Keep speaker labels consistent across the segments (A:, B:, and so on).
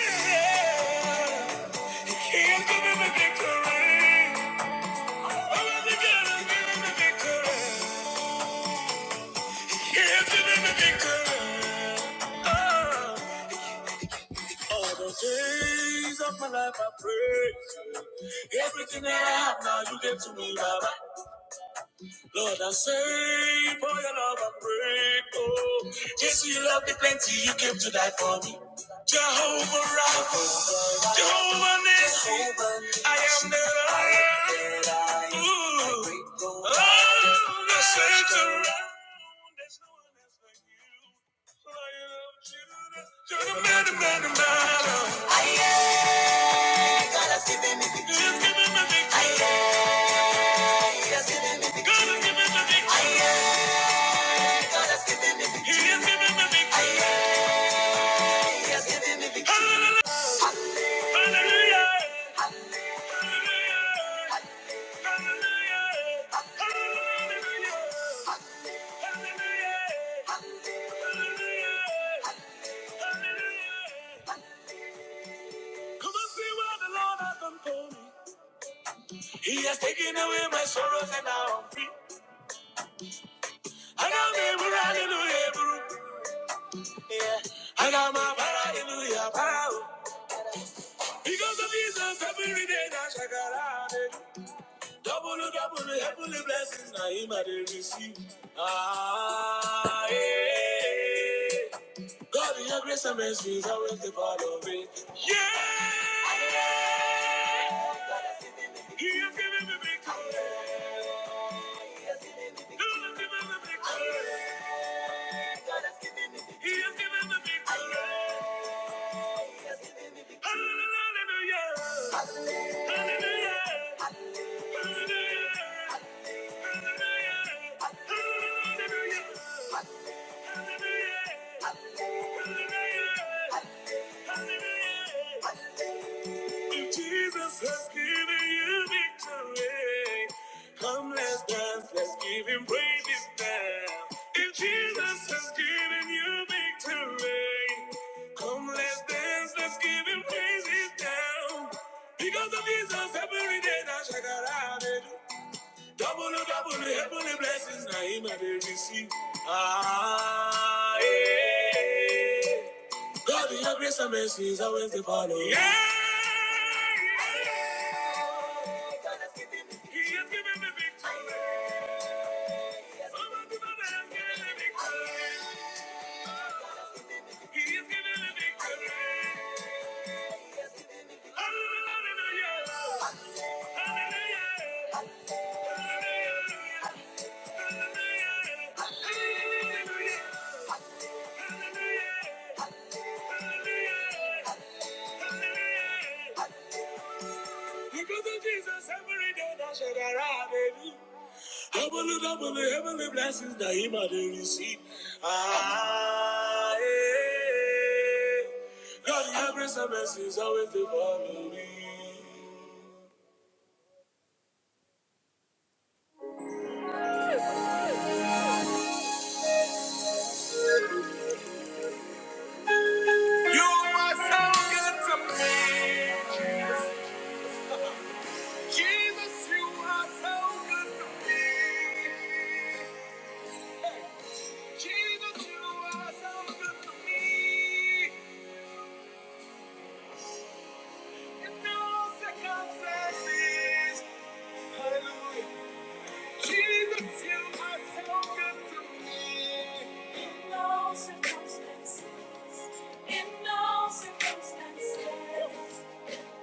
A: He's giving me victory. Oh, the God is giving me victory. He's giving me victory. Oh, all the days of my life I pray. Everything that I have now, you give to me, Baba. Lord, I say, for your love I pray, oh. Yes, you love me plenty, you came to die for me. Jehovah Rapha, Jehovah Nissi, I am the I am. Ooh. Oh, the Satan. There's no one else like you. I am Judah. You're the man, the man, the man. Aye, God has given me victory. God has given me victory. Aye, He has given me victory. God has given me victory. I am. He has given me victory. He has given Hallelujah. Hallelujah. Hallelujah. Hallelujah. Come and see what the Lord has done for me. He has taken away my sorrows and now I'm free. I got me, with hallelujah, bro. I got my hallelujah, power. Because of Jesus, every day I shall get out. Double, double, heavenly blessings, now him I dey receive. Ah, yeah. God, in your grace and mercy is always the part of it. Yeah! He has given me victory. He has given me victory. He has given me victory. Hallelujah! Hallelujah! Hallelujah! Jesus has given you victory. Come, let's dance, let's give him praise this time. If Jesus has given you victory, come, let's dance, let's give him praise this time. Because of Jesus, every day now, check it out. Double, double, heavenly blessings, now him I dey receive. Ah, yeah. God, your grace and mercy is always the follow. Yeah, yeah. God has given me, He has given me victory. Oh, my God, I have given me victory. He has given me victory. Hallelujah, hallelujah, hallelujah. Because of Jesus, every day that should arrive, baby. Heavenly, heavenly, heavenly blessings that he might receive. Ah, yeah. God, your grace and mercy is always to follow me. You are so good to me. Jesus. Jesus, you are so good to me. Jesus, you are so good to me. In all circumstances. Hallelujah. Jesus, you are so good to me. In all circumstances. In all circumstances. Oh.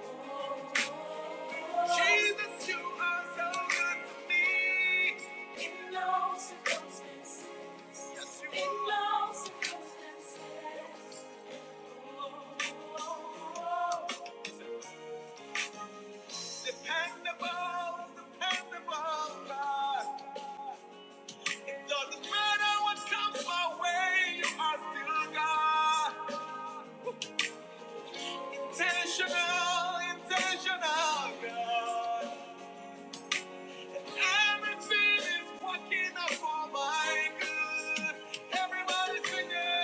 A: Jesus, you are so good to me. In all circumstances. Dependable, dependable God. It doesn't matter what comes my way, you are still God. Intentional, intentional God. Everything is working out for my good. Everybody sing it.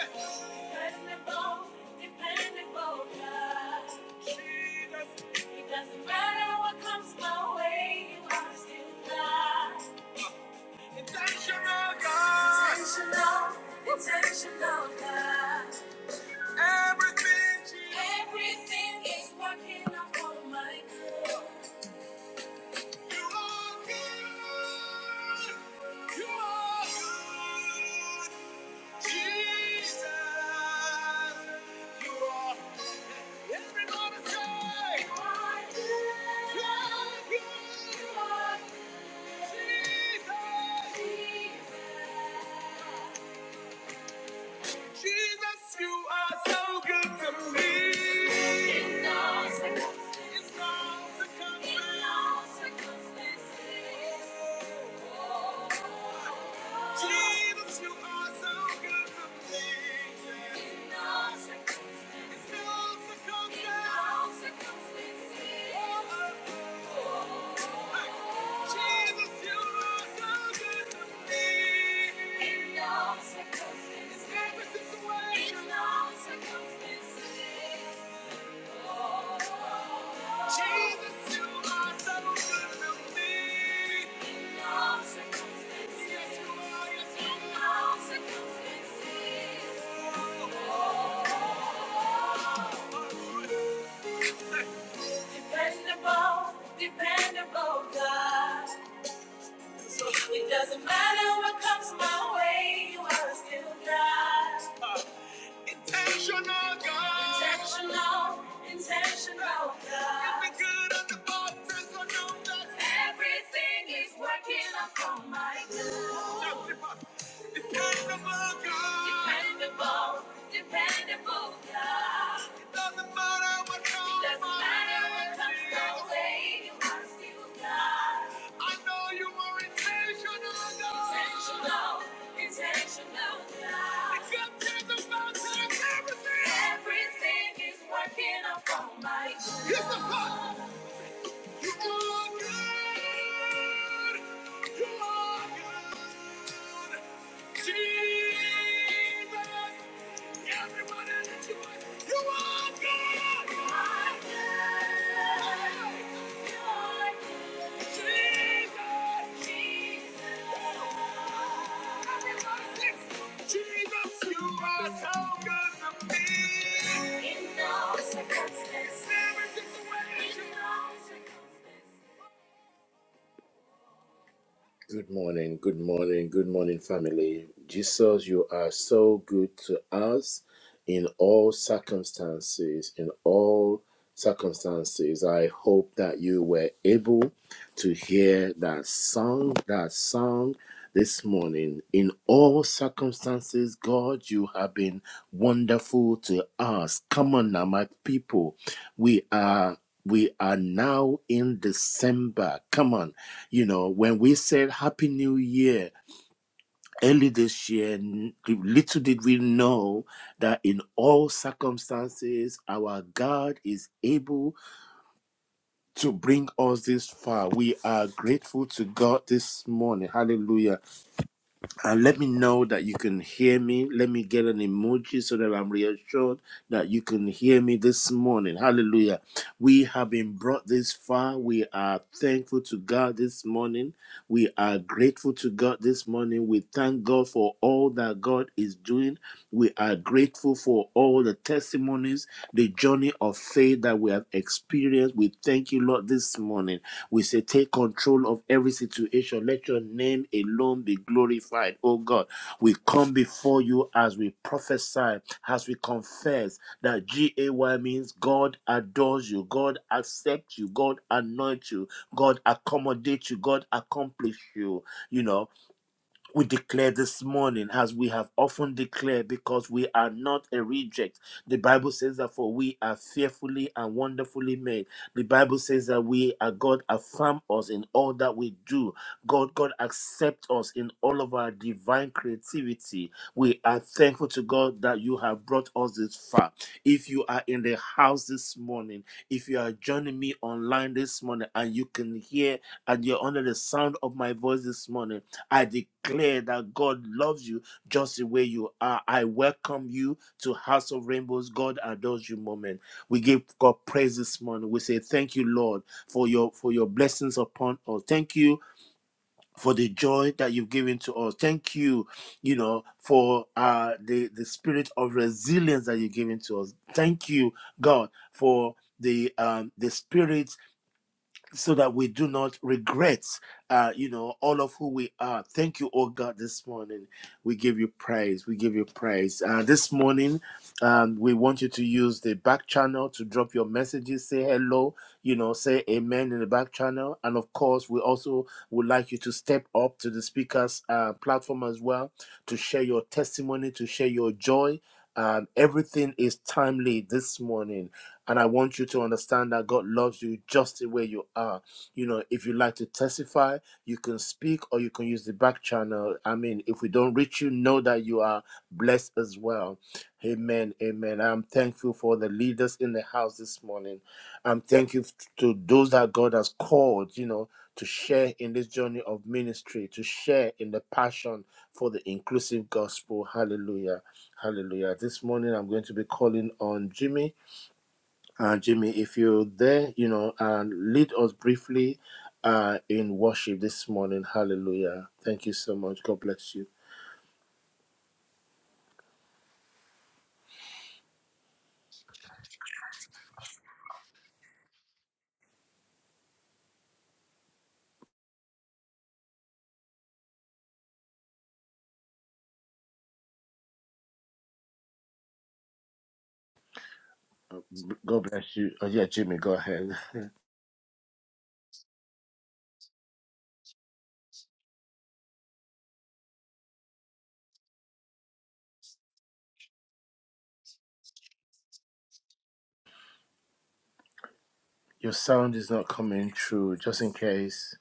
A: Dependable, dependable God. Jesus. doesn't matter what comes my way, you are still God. Intentional God. Intentional, intentional God. Everything, Everything is working out for my good. Everybody say, so good to me. In In all all circumstances. in all Circumstances. so Yes, yes, Dependable, dependable God. So It doesn't matter what comes my way, you are still God. Intentional God. Intentional, intentional God. In the good of the bad, personal God. Everything is working out for my good. Dependable God. Dependable, dependable God. It doesn't matter what comes my way. It doesn't matter what comes my way, You are still God. I know you are intentional, God. Intentional, intentional, God. It's your presence that turns everything. Everything is working out for my good. Here's the part. You are good. You are good. Jesus. Everybody lift your voice. You are good. You are good. You are good. Jesus. Jesus, you are so good to me. In all circumstances. Never just a way. In all circumstances. Good morning, good morning, good morning, family. Jesus, you are so good to us in all circumstances. In all circumstances, I hope that you were able to hear that song, that song this morning. In all circumstances, God, you have been wonderful to us. Come on now, my people. We are we are now in December. Come on. You know, when we said Happy New Year early this year, little did we know that in all circumstances, our God is able to bring us this far. We are grateful to God this morning. Hallelujah and let me know that you can hear me. Let me get an emoji so that I'm reassured that you can hear me this morning. Hallelujah. We have been brought this far. We are thankful to God this morning. We are grateful to God this morning. We thank God for all that God is doing. We are grateful for all the testimonies, the journey of faith that we have experienced. We thank you, Lord, this morning. We say, take control of every situation. Let your name alone be glorified, oh God. We come before you as we prophesy, as we confess that G-A-Y means God adores you, God accepts you, God anoints you, God accommodates you, God accomplishes you, you know we declare this morning, as we have often declared, because we are not a reject. The Bible says that for we are fearfully and wonderfully made. The Bible says that we are God affirm us in all that we do. God, God accept us in all of our divine creativity. We are thankful to God that you have brought us this far. If you are in the house this morning, if you are joining me online this morning, and you can hear and you're under the sound of my voice this morning I declare that God loves you just the way you are. I welcome you to House of Rainbows. God adores you moment. We give God praise this morning. We say thank you, Lord, for your for your blessings upon us. Thank you for the joy that you've given to us. Thank you, you know, for uh the, the spirit of resilience that you've given to us. Thank you, God, for the um the spirit so that we do not regret, uh, you know, all of who we are. Thank you, oh God, this morning. We give you praise. We give you praise. Uh, this morning, um, we want you to use the back channel to drop your messages, say hello, you know, say amen in the back channel. And of course, we also would like you to step up to the speaker's uh, platform as well to share your testimony, to share your joy. Um, everything is timely this morning. And I want you to understand that God loves you just the way you are. You know, if you like to testify, you can speak or you can use the back channel. I mean, if we don't reach you, know that you are blessed as well. Amen. Amen. I'm thankful for the leaders in the house this morning. I'm thankful to those that God has called, you know, to share in this journey of ministry, to share in the passion for the inclusive gospel. Hallelujah. Hallelujah. This morning I'm going to be calling on Jimmy. Uh, Jimmy, if you're there, you know, uh, lead us briefly uh, in worship this morning. Hallelujah. Thank you so much. God bless you. God bless you. Oh, yeah, Jimmy, go ahead. Your sound is not coming through, just in case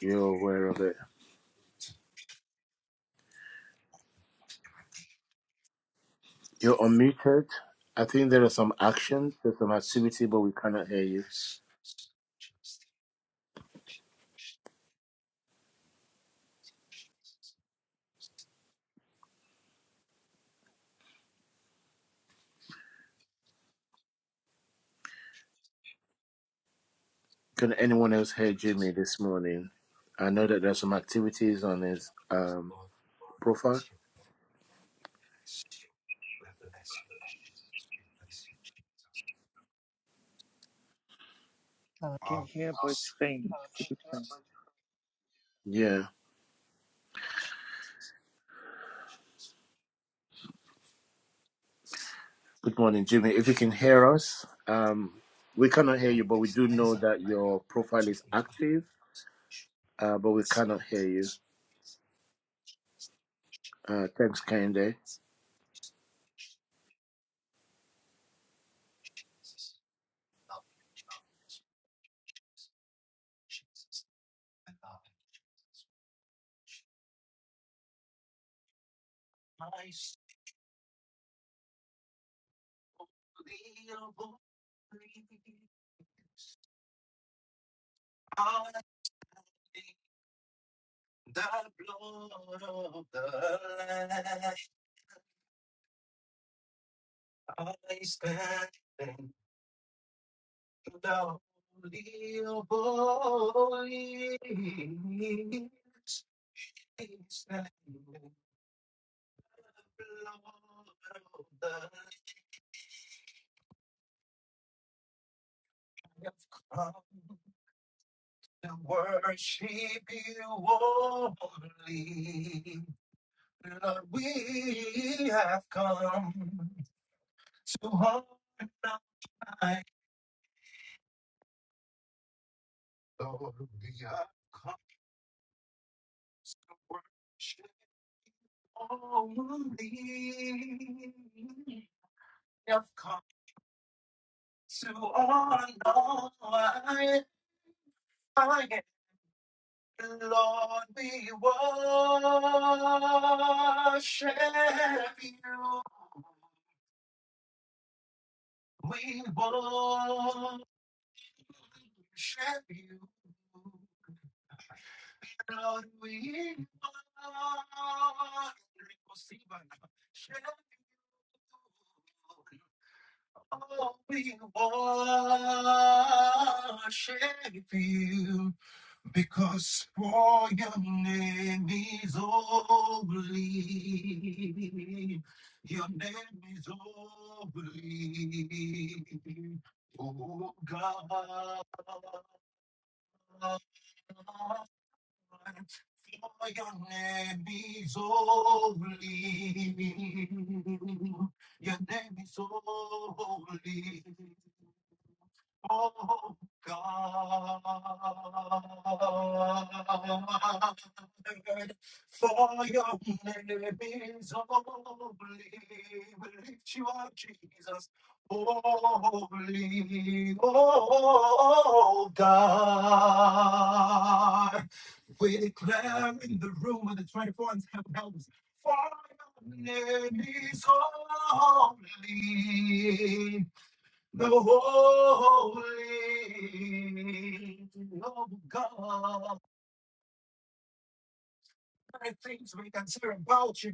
A: you're aware of it. You're unmuted. I think there are some actions, there's some activity, but we cannot hear you. Can anyone else hear Jimmy this morning? I know that there's some activities on his um, profile.
B: I can hear but it's faint. It's a bit faint.
A: Yeah. Good morning, Jimmy. If you can hear us, um, we cannot hear you, but we do know that your profile is active, uh, but we cannot hear you. Uh, thanks, Kende.
C: My soul, be a bond. I see the blood of the Lamb. I stand in the holy of holies. It's the blood of the Lamb. I've come to worship you only. Lord, we have come. So hard not my glory come to worship only. I've come to honor I, I am the Lord, we worship you. We worship you. Oh, we worship you because for your name is holy. Your name is holy. Oh God. For your name is holy. Your name is holy. Oh God. For your name is holy. We lift you up, Jesus. Holy, oh God. We're declaring the room of the 24 and 7 elders. For your name is holy, the holy of God. There things we can say about you,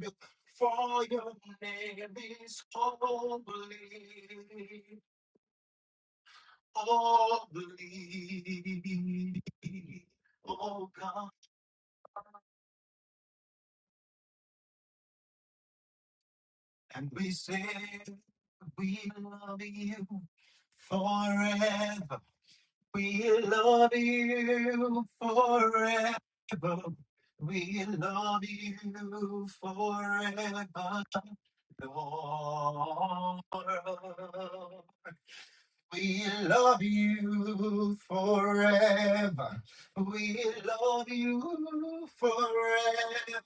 C: for your name is holy, holy, oh God. And we say we love you forever. We love you forever. We love you forever, Lord. We love you forever. We love you forever.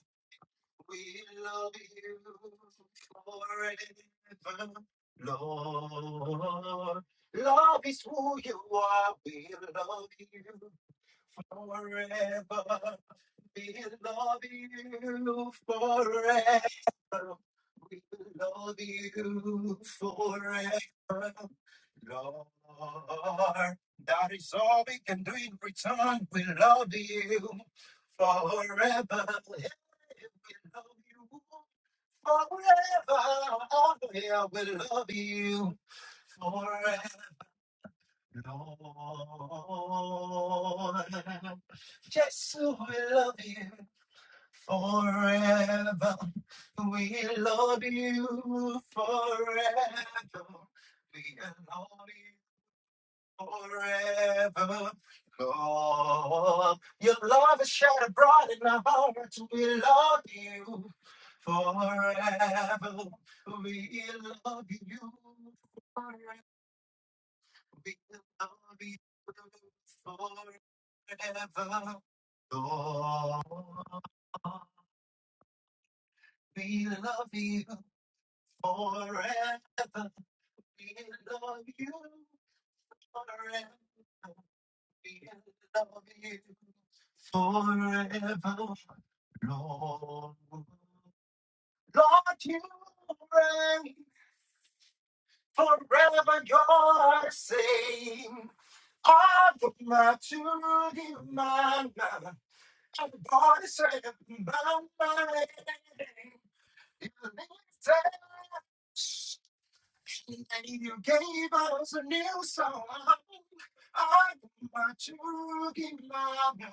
C: We love you forever, Lord. Love is who you are. We love you forever. We love you forever. We love you forever. Lord, that is all we can do in return. We love you forever. Yeah, We love you forever. Oh, yeah, we love you forever. Lord, Jesus, we love you. Forever we love you forever. We love you forever. Lord, your love is shed abroad in our hearts. We love you forever. We love you forever. We love you forever. Lord, we love you. Forever we love you. Forever we love you. Forever, Lord. Lord, you reign. Forever you're same. All the maturity, man. I'm born to serve my name. You live And you gave us a new song. I want to give my my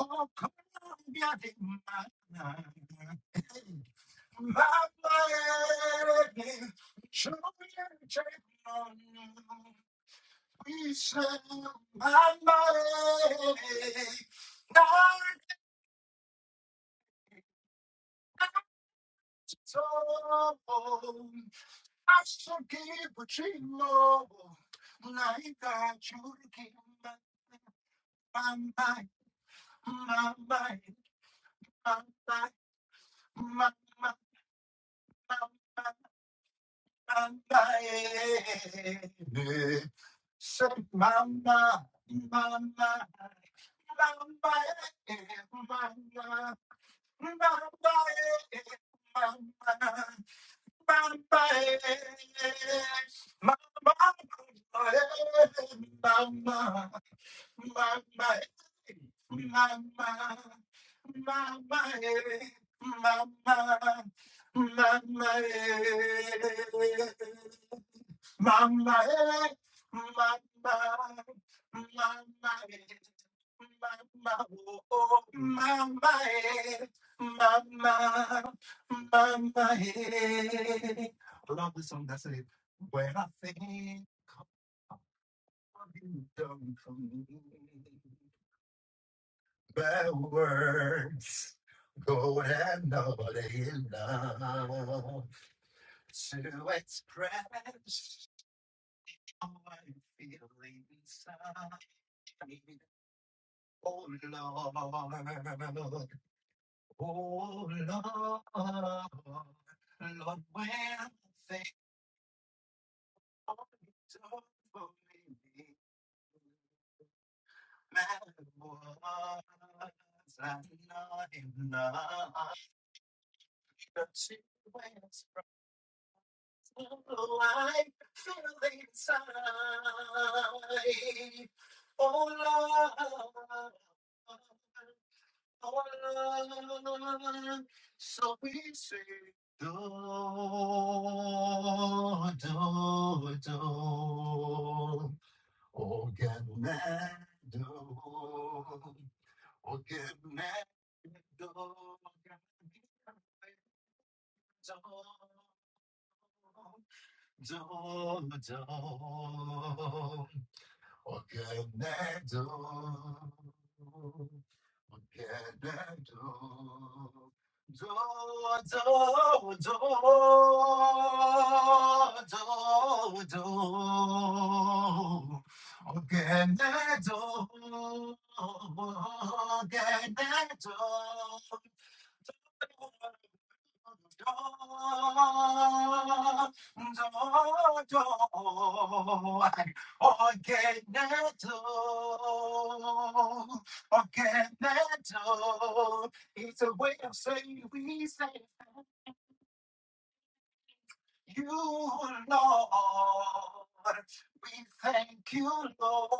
C: oh, come on, get in my my baby. Show me your check on. We said, my lady, not so. Mama, eh, mama, mama, eh, mama, oh, oh, mama, eh, mama, mama, eh. I love the song that says, When I think of you done for me, bad words go and nobody enough to express. I'm feeling inside. Oh Lord, oh Lord, Lord, when they all done for me, my words are not enough. The two ways from the light fell inside. Oh Lord. So we say, Door, door, door, organ door, organ door, do, do do. do, what can I do? What can I do? Do, do, do, do, do. What can I do? What can I do? It's a way of saying we say you, Lord. We thank you, Lord.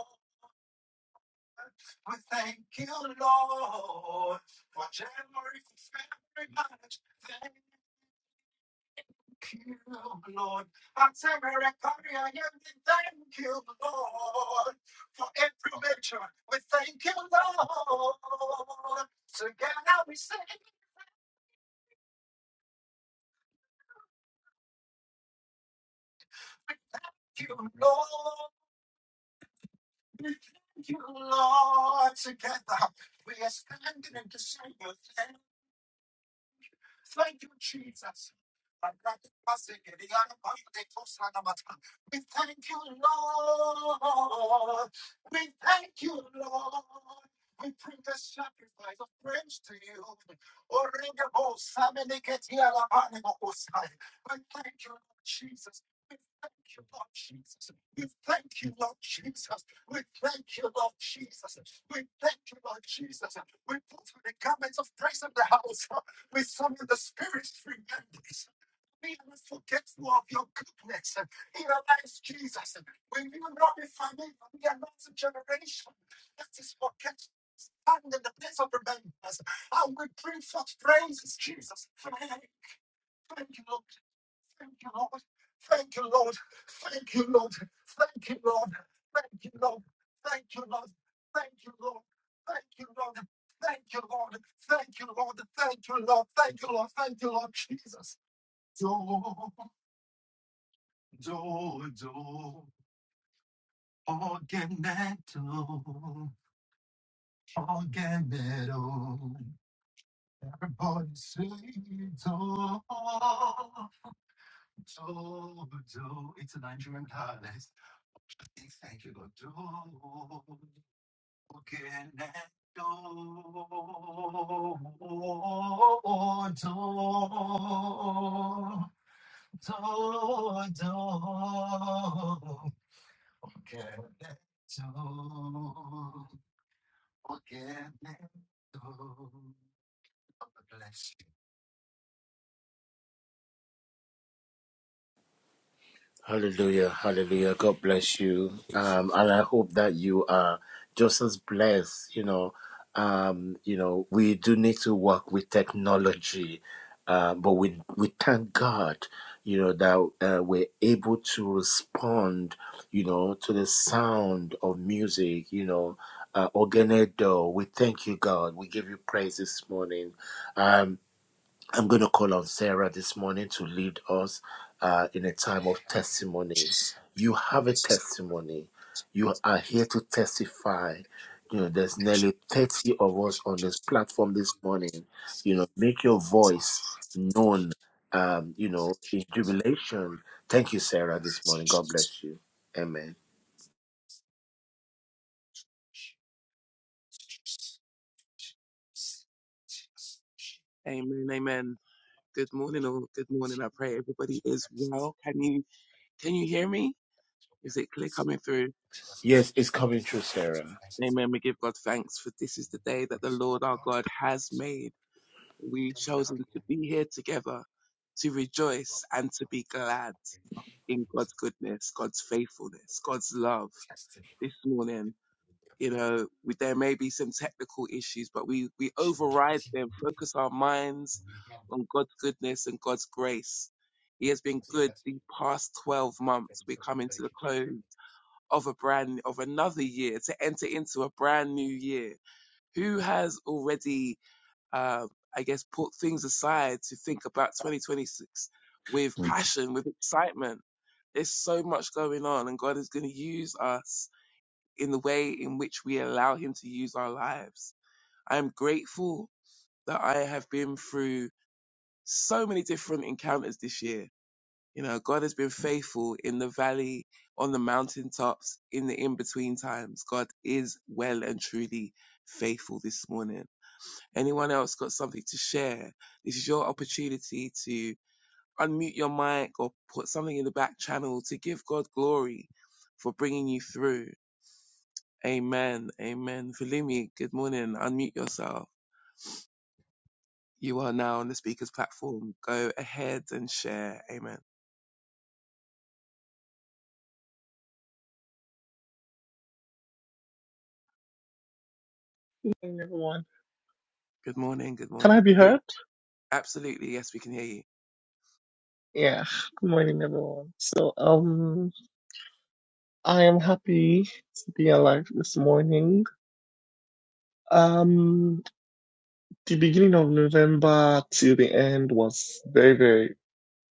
C: We thank you, Lord, for January, for February, March. Thank you, Lord. I say, recovery, I give you thank you, Lord, for every victory. We thank you, Lord. Together we say, thank you, Lord. Thank you, Lord. Together we are standing and saying, Thank you, Jesus. We thank you, Lord. We thank you, Lord. We bring the sacrifice of praise to you. We thank you, Lord Jesus. We thank you, Lord Jesus. We thank you, Lord Jesus. We thank you, Lord Jesus. We thank you, Lord Jesus. We put the garments of praise in the house. We summon the spirit of remembrance. We are forgetful of your goodness in our lives, Jesus. We will not be familiar. We are not a generation that is forgetful. Stand in the place of remembrance, and we bring forth praises, Jesus. Thank you, Lord. Thank you, Lord. Thank you, Lord. Thank you, Lord. Thank you, Lord. Thank you, Lord. Thank you, Lord. Thank you, Lord. Thank you, Lord. Thank you, Lord. Thank you, Lord. Thank you, Lord. Thank you, Lord. Thank you, Lord. Jesus. Do, do, do. Organeto. Organeto. Everybody say do. Do, do. It's a Nigerian card. Bless you. Jesus, I would like to thank you for this.
A: Hallelujah, hallelujah. God bless you. Um, and I hope that you are just as blessed, you know. Um, you know, we do need to work with technology, uh, but we we thank God, you know, that uh, we're able to respond, you know, to the sound of music, you know. Uh, Ogenedo, we thank you, God. We give you praise this morning. Um, I'm going to call on Sarah this morning to lead us uh, in a time of testimony. You have a testimony. You are here to testify.
C: Make sure you have
A: You know,
C: a moment
A: there's nearly
C: of
A: 30
C: visiting
A: of us on this platform this morning. You know, make your voice known, um, you know, in jubilation. Thank you, Sarah, this morning. God bless you. Amen.
D: Amen, amen. Good morning, or good morning. I pray everybody is well. Can you can you hear me? Is it clear coming through?
A: Yes, it's coming true, Sarah.
D: Amen. We give God thanks for this is the day that the Lord our God has made. We've chosen to be here together to rejoice and to be glad in God's goodness, God's faithfulness, God's love
C: Tested.
D: this morning. you know, we, there may be some technical issues, but we, we override them, focus our minds
C: We have.
D: on God's goodness and God's grace. He has been good the past 12 months. We're
C: So that
D: coming to the close
C: if
D: of a brand, of another year to enter into a brand new year. Who has already, uh, I guess, put things aside to think about 2026 with
C: Mm.
D: passion, with excitement? There's so much going on and God is going to use us in the way in which we allow Him to use our lives. I am grateful that I have been through so many different encounters this year. You know, God has been faithful in the valley, on the mountaintops, in the in between times. God is well and truly faithful this morning. Anyone else got something to share? This is your opportunity to unmute your mic or put something in the back channel to give God glory for bringing you through. Amen. Amen. Valimi, good morning. Unmute yourself. You are now on the speaker's platform. Go ahead and share. Amen.
E: morning, everyone.
D: Good morning. Good
E: Can I
D: morning.
E: be heard?
D: Absolutely. Yes, we can hear you.
E: Yeah. Good morning, everyone. So, um, I am happy to be alive this morning. Um, the beginning of November till the end was very, very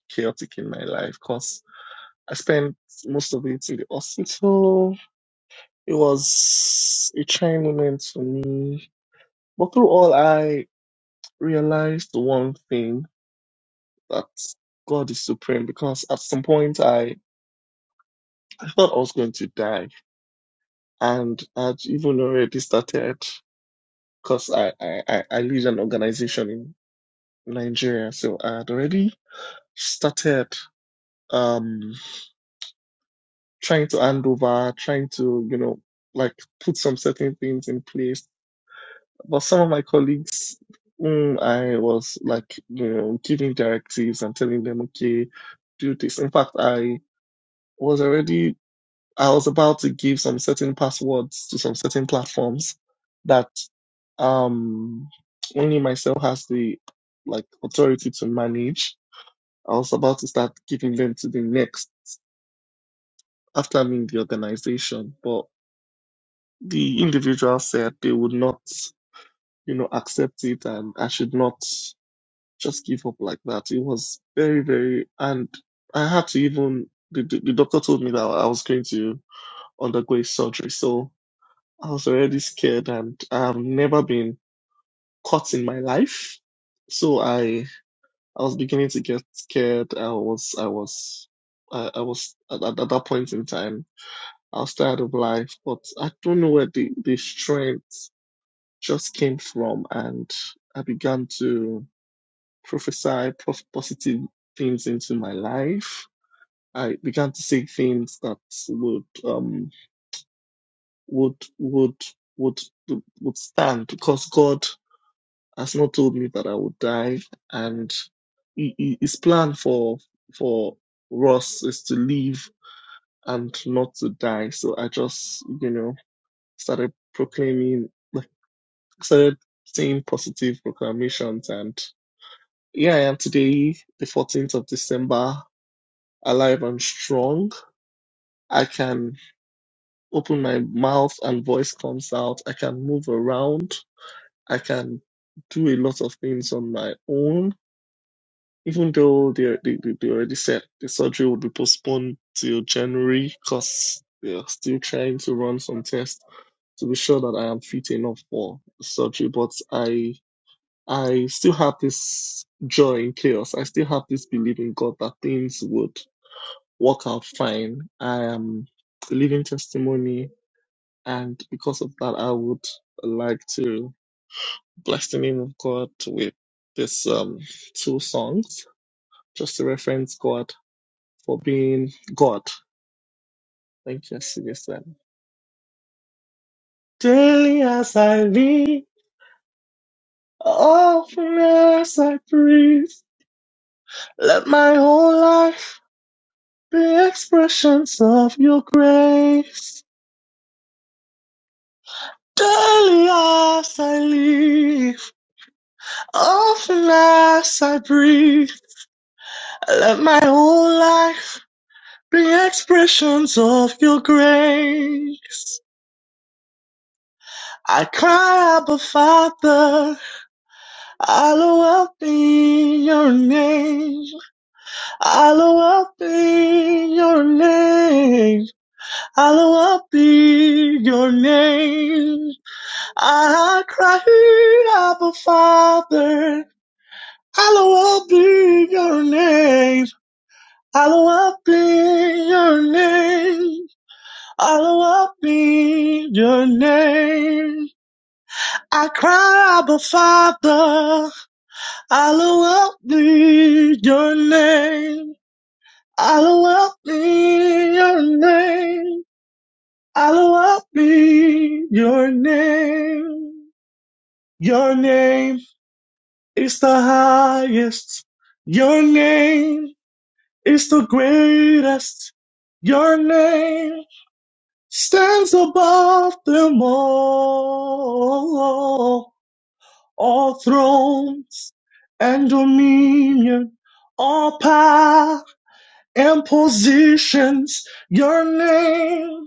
E: chaotic in my life because I spent most of it in the hospital. It was a trying moment for me. But through all, I realized one thing that God is supreme because at some point I I thought I was going to die and I'd even already started because I, I, I I lead an organization in Nigeria, so I'd already started um trying to hand over, trying to, you know, like put some certain things in place. But some of my colleagues, mm, I was like, you know, giving directives and telling them, okay, do this. In fact, I was already I was about to give some certain passwords to some certain platforms that um only myself has the like authority to manage. I was about to start giving them to the next after I'm in the organization, but the individual said they would not, you know, accept it and I should not just give up like that. It was very, very, and I had to even, the, the, the doctor told me that I was going to undergo a surgery. So I was already scared and I've never been caught in my life. So I I was beginning to get scared. I was I was I, I was at, at that point in time I was tired of life, but I don't know where the, the strength just came from and I began to prophesy prof- positive things into my life. I began to say things that would um would would would would stand because God has not told me that I would die, and he- he- his plan for for Ross is to live and not to die. So I just, you know, started proclaiming, like, started saying positive proclamations, and here I am today, the 14th of December, alive and strong. I can open my mouth and voice comes out. I can move around. I can do a lot of things on my own Even though they, they, they they already said the surgery would be postponed till January because they are still trying to run some tests to be sure that I am fit enough for the surgery. But I I still have this joy in chaos. I still have this belief in God that things would work out fine. I am a living testimony, and because of that, I would like to bless the name of God with this um two songs just to reference God for being God. Thank you, Sinister. Daily as I live, often as I breathe, let my whole life be expressions of your grace. Daily as I live, often as I breathe, let my whole life be expressions of your grace. I cry, Abba Father. I love up in your name. I love up in your name. I love up in your name. I cried Abba Father. I love up in your name. I love up in your name. I love up in your name. I cry Abba Father. I'll help me, your name. I'll help me, your name. I'll help me, your name. Your name is the highest. Your name is the greatest. Your name stands above them all. All thrones and dominion, all power and positions. Your name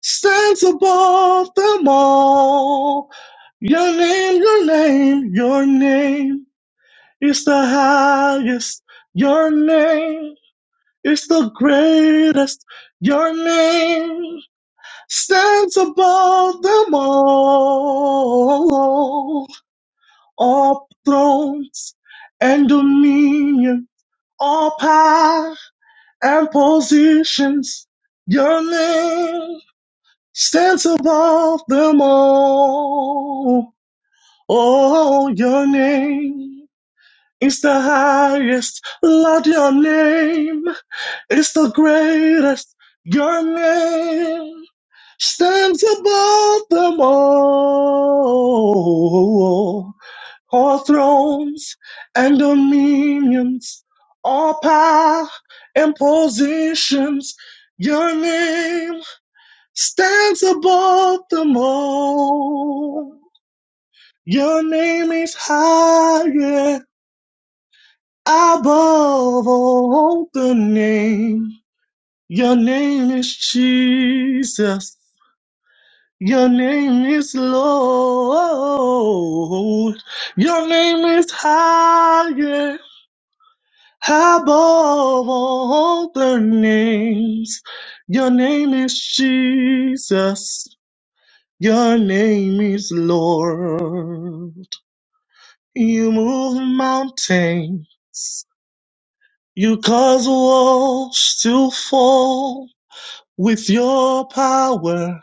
E: stands above them all. Your name, your name, your name is the highest. Your name is the greatest. Your name stands above them all. All thrones and dominion, all power and positions. Your name stands above them all. Oh, your name is the highest. Lord, your name is the greatest. Your name stands above them all all thrones and dominions, all power and positions. Your name stands above them all. Your name is higher above all the name. Your name is Jesus. Your name is Lord. Your name is higher Above all the names, your name is Jesus. Your name is Lord. You move mountains. You cause walls to fall. With your power,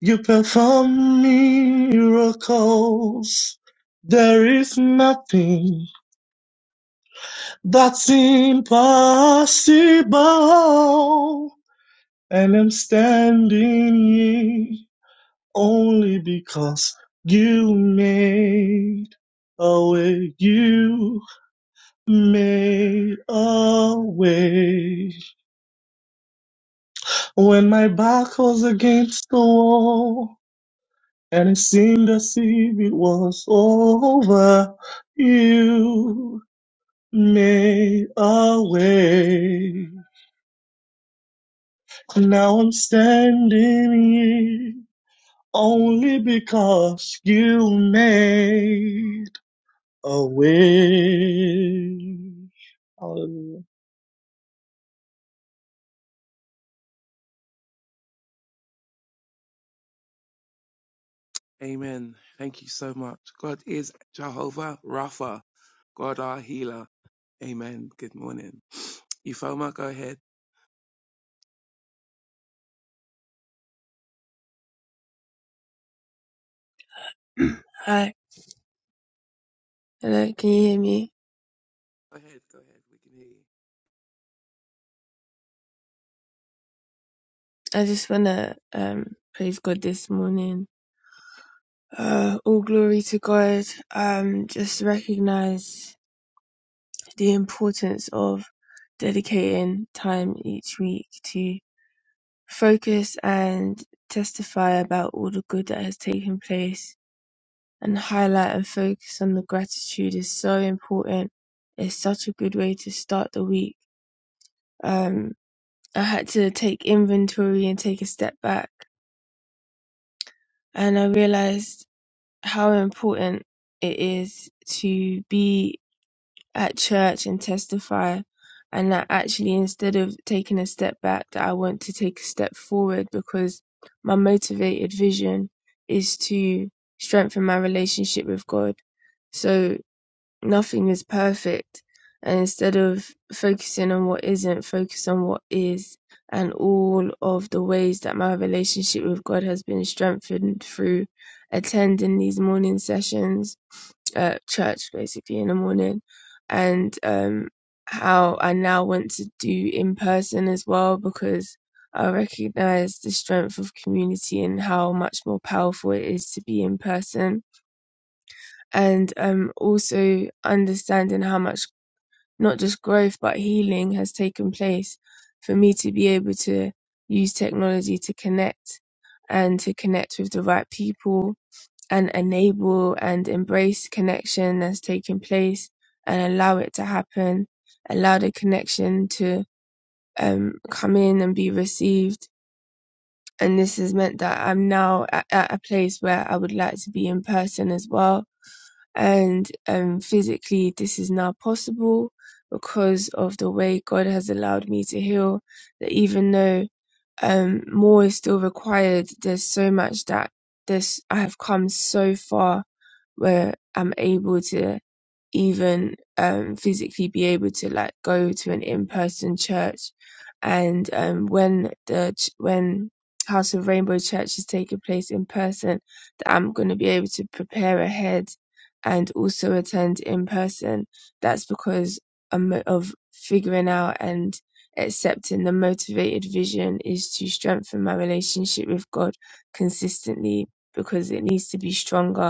E: you perform miracles. There is nothing that's impossible. and I'm standing here only because you made a way. You made a way when my back was against the wall and it seemed as if it was over. You made a way. Now I'm standing here only because you made a way. Hallelujah.
D: Amen. Thank you so much. God is Jehovah Rapha, God our healer. Amen. Good morning. Ifoma, go ahead.
F: Hi, hello, can you hear me?
D: Go ahead. Go ahead. We can hear you.
F: I just wanna um praise God this morning. Uh all glory to God. Um just recognize the importance of dedicating time each week to focus and testify about all the good that has taken place and highlight and focus on the gratitude is so important. It's such a good way to start the week. Um I had to take inventory and take a step back and I realized how important it is to be at church and testify, and that actually instead of taking a step back, that I want to take a step forward because my motivated vision is to strengthen my relationship with God. So nothing is perfect and instead of focusing on what isn't focus on what is and all of the ways that my relationship with god has been strengthened through attending these morning sessions at church basically in the morning and um how i now want to do in person as well because i recognize the strength of community and how much more powerful it is to be in person and um, also understanding how much not just growth but healing has taken place for me to be able to use technology to connect and to connect with the right people and enable and embrace connection that's taking place and allow it to happen, allow the connection to um, come in and be received and this has meant that I'm now at, at a place where I would like to be in person as well. And um, physically, this is now possible because of the way God has allowed me to heal. That even though um, more is still required, there's so much that this I have come so far where I'm able to even um, physically be able to like go to an in-person church and um, when the ch- when House of Rainbow Church is taking place in person that I'm going to be able to prepare ahead and also attend in person that's because um, of figuring out and accepting the motivated vision is to strengthen my relationship with God consistently because it needs to be stronger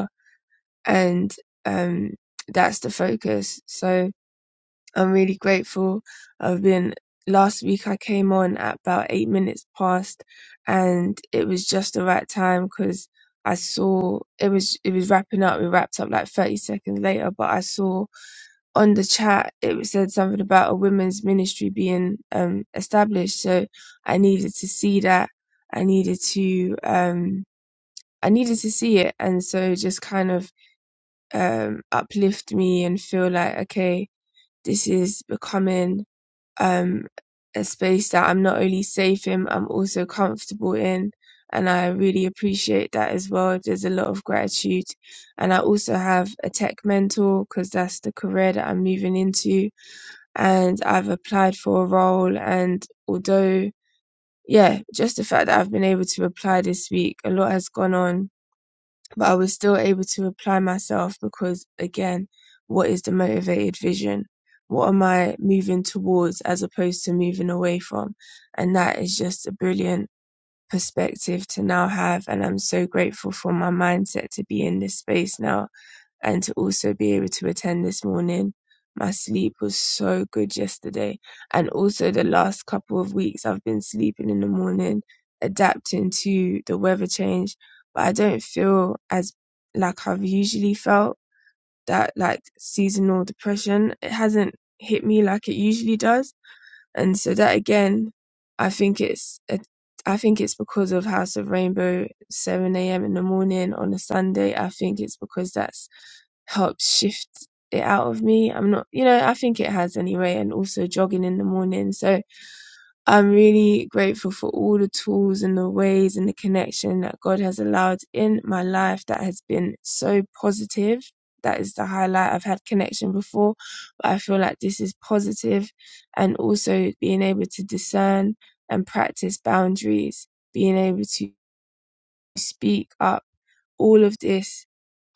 F: and um, that's the focus. So I'm really grateful. I've been last week I came on at about eight minutes past, and it was just the right time because I saw it was it was wrapping up. We wrapped up like 30 seconds later, but I saw on the chat it said something about a women's ministry being um, established. So I needed to see that. I needed to um, I needed to see it, and so just kind of um, uplift me and feel like, okay, this is becoming um, a space that I'm not only safe in, I'm also comfortable in. And I really appreciate that as well. There's a lot of gratitude. And I also have a tech mentor because that's the career that I'm moving into. And I've applied for a role. And although, yeah, just the fact that I've been able to apply this week, a lot has gone on but I was still able to apply myself because, again, what is the motivated vision? What am I moving towards as opposed to moving away from? And that is just a brilliant perspective to now have. And I'm so grateful for my mindset to be in this space now and to also be able to attend this morning. My sleep was so good yesterday. And also, the last couple of weeks, I've been sleeping in the morning, adapting to the weather change. But I don't feel as like I've usually felt that like seasonal depression. It hasn't hit me like it usually does. And so, that again, I think it's a I think it's because of House of Rainbow, 7 a.m. in the morning on a Sunday. I think it's because that's helps shift it out of me. I'm not, you know, I think it has anyway, and also jogging in the morning. So I'm really grateful for all the tools and the ways and the connection that God has allowed in my life that has been so positive. That is the highlight. I've had connection before, but I feel like this is positive and also being able to discern and practice boundaries, being able to speak up all of this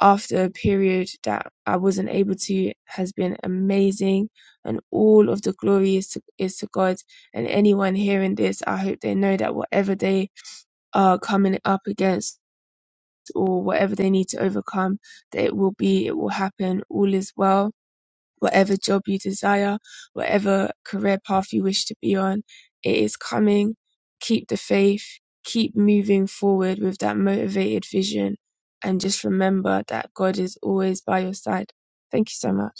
F: after a period that I wasn't able to has been amazing, and all of the glory is to, is to God. And anyone hearing this, I hope they know that whatever they are coming up against or whatever they need to overcome, that it will be, it will happen, all is well whatever job you desire, whatever career path you wish to be on, it is coming. Keep the faith, keep moving forward with that motivated vision, and just remember that God is always by your side. Thank you so much.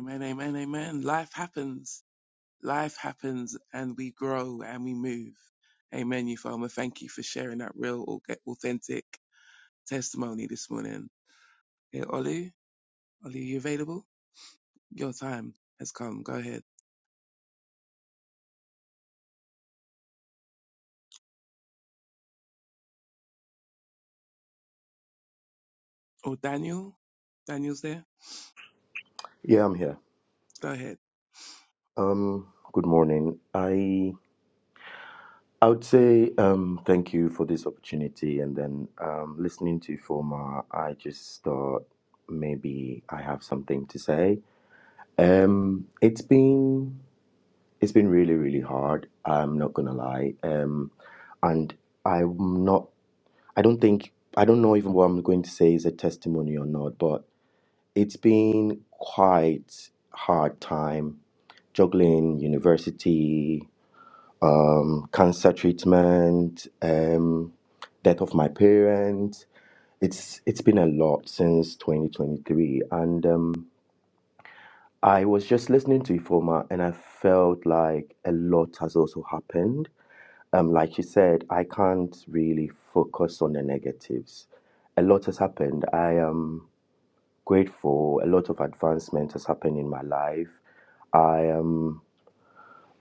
D: Amen. Amen. Amen. Life happens. Life happens and we grow and we move. Amen, Euphoma. Thank you for sharing that real, au- authentic testimony this morning. Hey, Ollie, Ollie, are you available? Your time has come. Go ahead. Oh, Daniel, Daniel's there.
G: Yeah, I'm here.
D: Go ahead.
G: Um, good morning. I I would say um, thank you for this opportunity, and then um, listening to Former, I just thought maybe I have something to say. Um, it's been it's been really really hard. I'm not gonna lie. Um, and I'm not. I don't think I don't know even what I'm going to say is a testimony or not, but it's been quite hard time juggling university um, cancer treatment, um, death of my parents. It's it's been a lot since 2023, and um, I was just listening to Ifoma, and I felt like a lot has also happened. Um, like you said, I can't really focus on the negatives. A lot has happened. I am grateful. A lot of advancement has happened in my life. I am.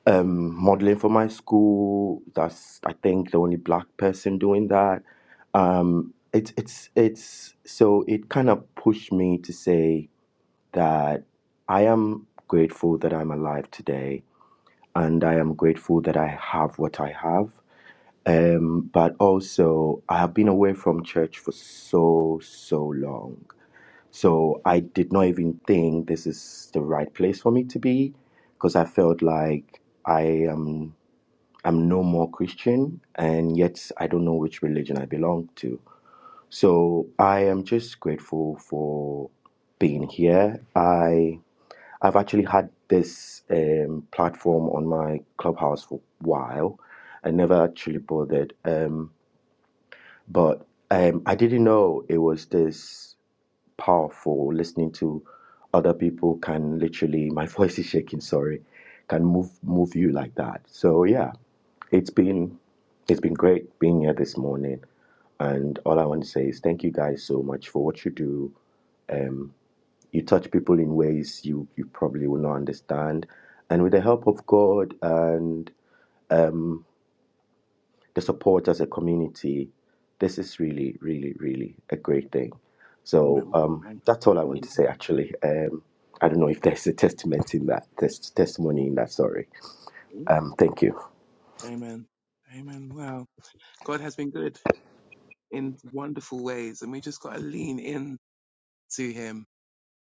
G: um, modeling for my school. That's I think the only black person doing that. Um, it's it's it's so it kind of pushed me to say that I am grateful that I'm alive today, and I am grateful that I have what I have. Um, but also, I have been away from church for so so long. So I did not even think this is the right place for me to be because I felt like I am I'm no more Christian, and yet I don't know which religion I belong to. So I am just grateful for being here. I I've actually had this um, platform on my clubhouse for a while. I never actually bothered, um, but um, I didn't know it was this powerful. Listening to other people can literally my voice is shaking. Sorry, can move move you like that. So yeah. It's been it's been great being here this morning, and all I want to say is thank you guys so much for what you do. Um, you touch people in ways you you probably will not understand, and with the help of God and um, the support as a community, this is really really really a great thing. So
D: Amen.
G: um,
D: Amen.
G: that's all I
D: Thank
G: want
D: you.
G: to say actually. Um, I don't know if there's a testament in that, there's testimony in that. Sorry. Um, thank you.
D: Amen. Amen. Wow, God has been good in wonderful ways, and we just got to lean in to Him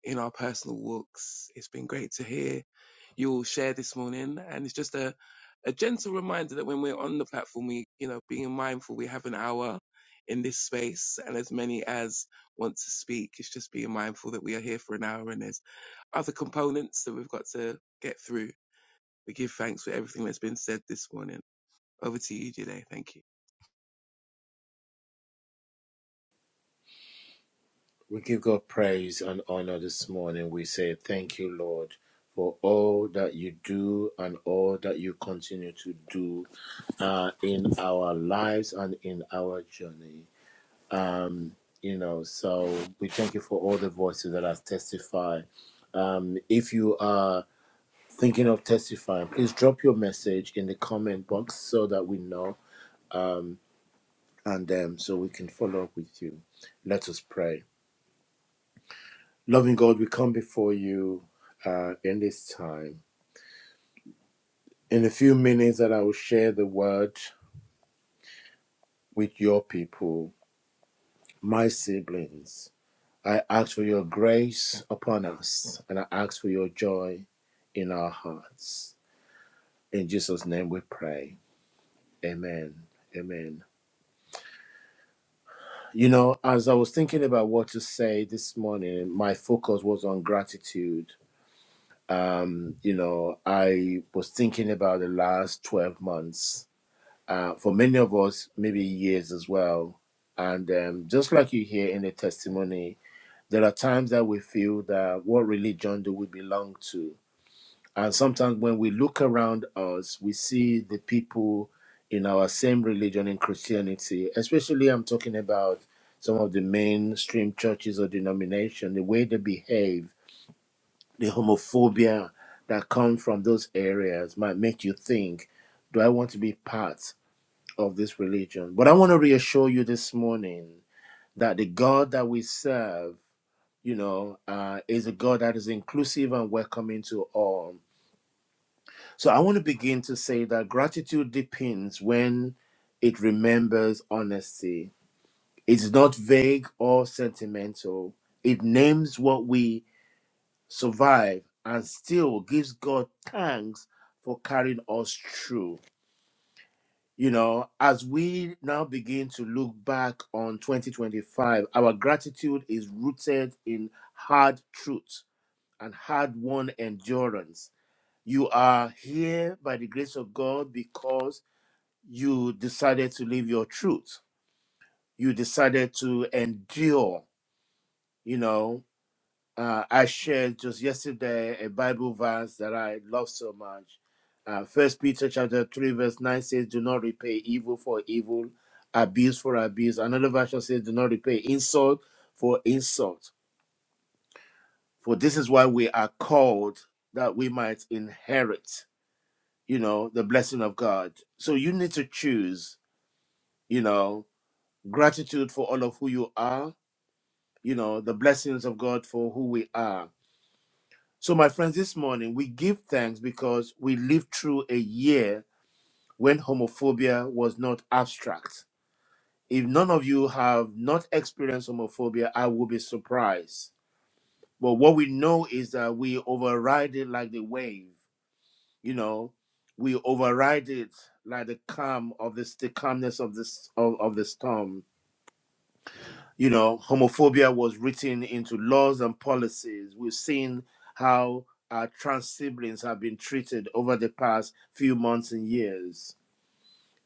D: in our personal walks. It's been great to hear you all share this morning, and it's just a a gentle reminder that when we're on the platform, we you know being mindful, we have an hour in this space, and as many as want to speak, it's just being mindful that we are here for an hour, and there's other components that we've got to get through. We give thanks for everything that's been said this morning. Over to you, Jide. Thank you.
A: We give God praise and honor this morning. We say, Thank you, Lord, for all that you do and all that you continue to do uh, in our lives and in our journey. Um, you know, so we thank you for all the voices that have testified. Um, if you are thinking of testifying, please drop your message in the comment box so that we know um, and um, so we can follow up with you. Let us pray. Loving God, we come before you uh, in this time. In a few minutes that I will share the word with your people, my siblings, I ask for your grace upon us and I ask for your joy in our hearts. In Jesus' name we pray. Amen. Amen. You know, as I was thinking about what to say this morning, my focus was on gratitude. Um, you know, I was thinking about the last 12 months uh, for many of us, maybe years as well. And um, just like you hear in the testimony, there are times that we feel that what religion do we belong to? And sometimes when we look around us, we see the people in our same religion in Christianity, especially I'm talking about some of the mainstream churches or denomination, the way they behave, the homophobia that comes from those areas might make you think, do I want to be part? of this religion. But I want to reassure you this morning that the God that we serve, you know, uh, is a God that is inclusive and welcoming to all. So I want to begin to say that gratitude depends when it remembers honesty. It's not vague or sentimental. It names what we survive and still gives God thanks for carrying us through. You know, as we now begin to look back on 2025, our gratitude is rooted in hard truth and hard won endurance. You are here by the grace of God because you decided to live your truth. You decided to endure, you know uh, I shared just yesterday a Bible verse that I love so much. Uh, First Peter chapter three verse nine says, "Do not repay evil for evil, abuse for abuse." Another version says, "Do not repay insult for insult." For this is why we are called that we might inherit, you know, the blessing of God. So you need to choose, you know, gratitude for all of who you are, you know, the blessings of God for who we are So, my friends, this morning we give thanks because we lived through a year when homophobia was not abstract. If none of you have not experienced homophobia, I will be surprised. But what we know is that we override it like the wave, you know, we override it like the calm of this, the calmness of this of, of the storm. you know, homophobia was written into laws and policies. We've seen how our trans siblings have been treated over the past few months and years.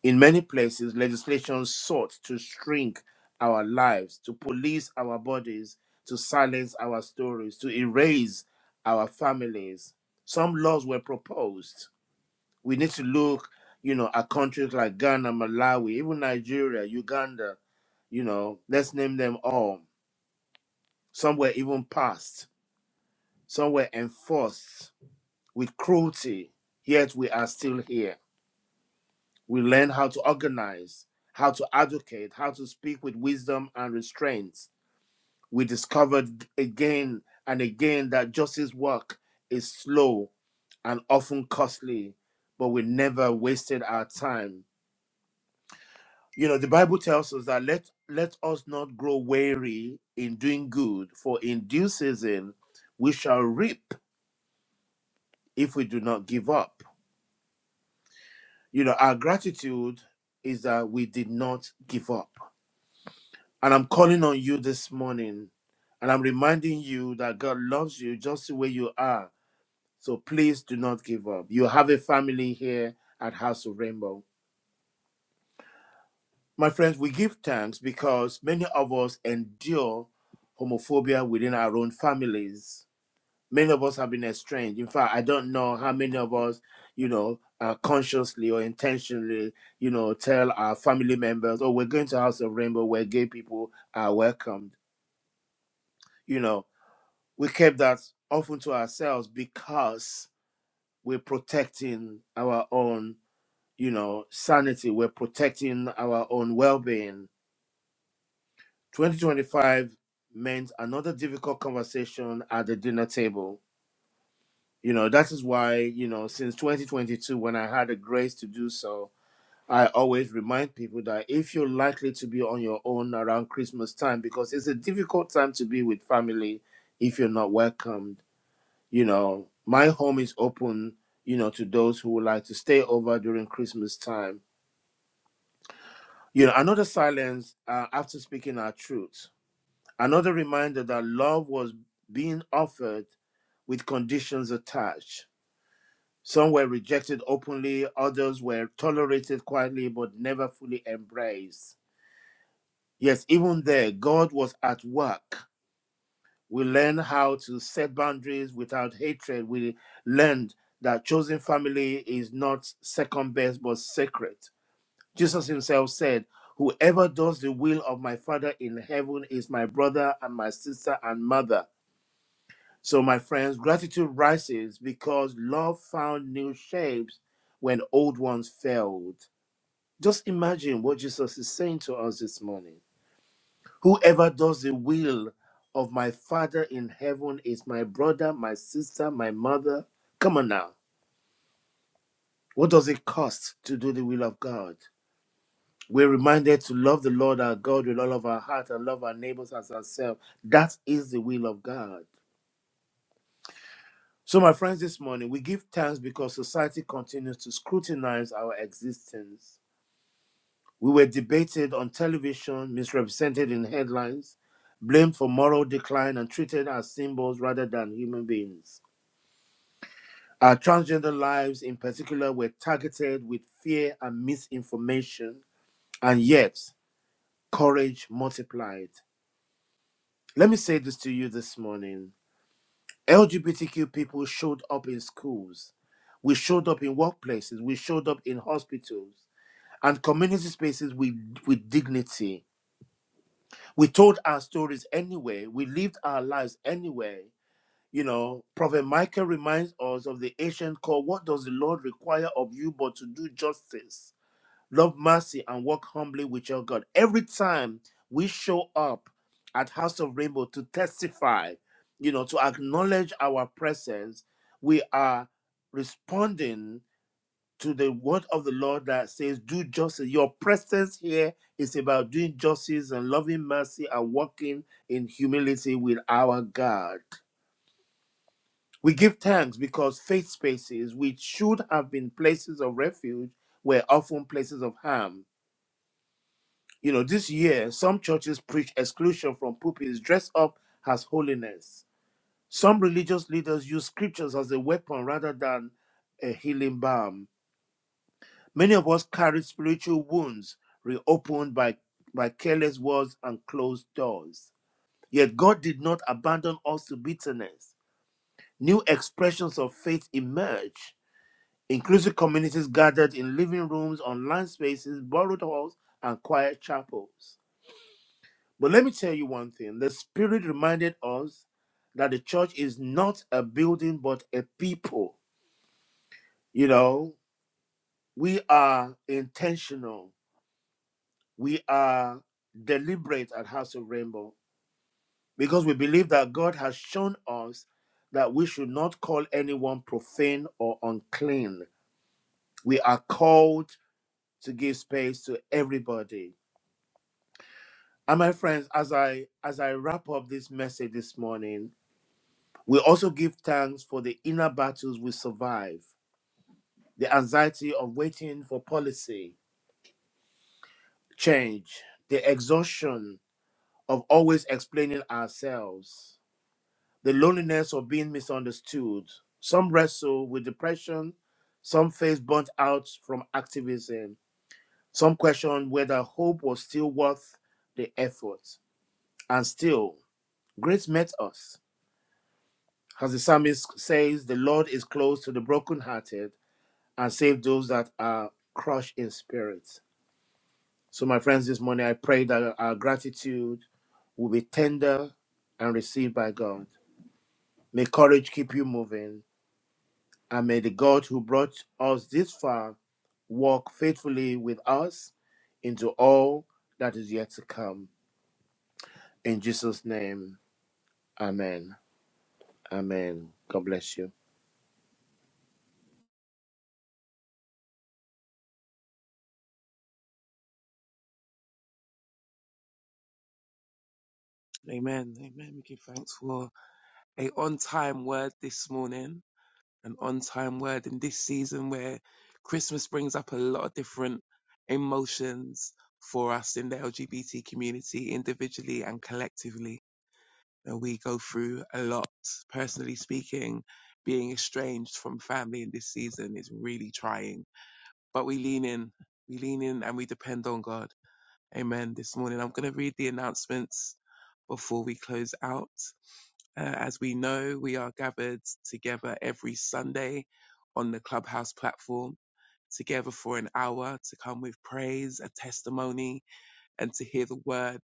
A: In many places, legislation sought to shrink our lives, to police our bodies, to silence our stories, to erase our families. Some laws were proposed. We need to look, you know, at countries like Ghana, Malawi, even Nigeria, Uganda, you know, let's name them all some were even passed, some were enforced with cruelty, yet we are still here. We learn how to organize, how to advocate, how to speak with wisdom and restraint. We discovered again and again that justice work is slow and often costly, but we never wasted our time. You know, the Bible tells us that let let us not grow weary in doing good, for in due season we shall reap if we do not give up. You know, our gratitude is that we did not give up. And I'm calling on you this morning and I'm reminding you that God loves you just the way you are. So please do not give up. You have a family here at House of Rainbow. My friends, we give thanks because many of us endure homophobia within our own families Many of us have been estranged. In fact, I don't know how many of us, you know, uh, consciously or intentionally, you know, tell our family members, "Oh, we're going to House of Rainbow, where gay people are welcomed." You know, we kept that often to ourselves because we're protecting our own, you know, sanity. We're protecting our own well-being. 2025 meant another difficult conversation at the dinner table You know, that is why, you know, since 2022, when I had the grace to do so, I always remind people that if you're likely to be on your own around Christmas time, because it's a difficult time to be with family if you're not welcomed, you know, my home is open, you know, to those who would like to stay over during Christmas time. You know, another silence uh, after speaking our truth, another reminder that love was being offered with conditions attached Some were rejected openly, others were tolerated quietly but never fully embraced. Yes, even there, God was at work. We learn how to set boundaries without hatred. We learned that chosen family is not second best but sacred. Jesus himself said, Whoever does the will of my Father in heaven is my brother and my sister and mother. So, my friends, gratitude rises because love found new shapes when old ones failed. Just imagine what Jesus is saying to us this morning. Whoever does the will of my Father in heaven is my brother, my sister, my mother. Come on now. What does it cost to do the will of God? We're reminded to love the Lord our God with all of our heart and love our neighbors as ourselves. That is the will of God. So, my friends, this morning we give thanks because society continues to scrutinize our existence. We were debated on television, misrepresented in headlines, blamed for moral decline, and treated as symbols rather than human beings. Our transgender lives, in particular, were targeted with fear and misinformation, and yet courage multiplied. Let me say this to you this morning LGBTQ people showed up in schools. We showed up in workplaces. We showed up in hospitals and community spaces with, with dignity. We told our stories anyway. We lived our lives anyway. You know, Prophet Michael reminds us of the ancient call what does the Lord require of you but to do justice? Love mercy and walk humbly with your God. Every time we show up at House of Rainbow to testify, you know, to acknowledge our presence, we are responding to the word of the Lord that says, Do justice. Your presence here is about doing justice and loving mercy and walking in humility with our God. We give thanks because faith spaces, which should have been places of refuge, were often places of harm You know, this year, some churches preach exclusion from pulpits, dress up as holiness. Some religious leaders use scriptures as a weapon rather than a healing balm. Many of us carry spiritual wounds reopened by, by careless words and closed doors. Yet God did not abandon us to bitterness. New expressions of faith emerge. Inclusive communities gathered in living rooms, online spaces, borrowed halls, and quiet chapels. But let me tell you one thing the Spirit reminded us that the church is not a building, but a people. You know, we are intentional, we are deliberate at House of Rainbow because we believe that God has shown us that we should not call anyone profane or unclean. We are called to give space to everybody. And my friends, as I as I wrap up this message this morning, We also give thanks for the inner battles we survive, the anxiety of waiting for policy change, the exhaustion of always explaining ourselves, the loneliness of being misunderstood. Some wrestle with depression, some face burnt out from activism, some question whether hope was still worth the effort. And still, grace met us. As the psalmist says, the Lord is close to the brokenhearted and save those that are crushed in spirit. So, my friends, this morning I pray that our gratitude will be tender and received by God. May courage keep you moving, and may the God who brought us this far walk faithfully with us into all that is yet to come. In Jesus' name, amen. Amen. God bless you.
D: Amen. Amen. We give thanks for a on time word this morning an on time word in this season where Christmas brings up a lot of different emotions for us in the LGBT community, individually and collectively. And we go through a lot, personally speaking, being estranged from family in this season is really trying. But we lean in, we lean in and we depend on God. Amen. This morning, I'm going to read the announcements before we close out. Uh, as we know, we are gathered together every Sunday on the Clubhouse platform, together for an hour to come with praise, a testimony, and to hear the word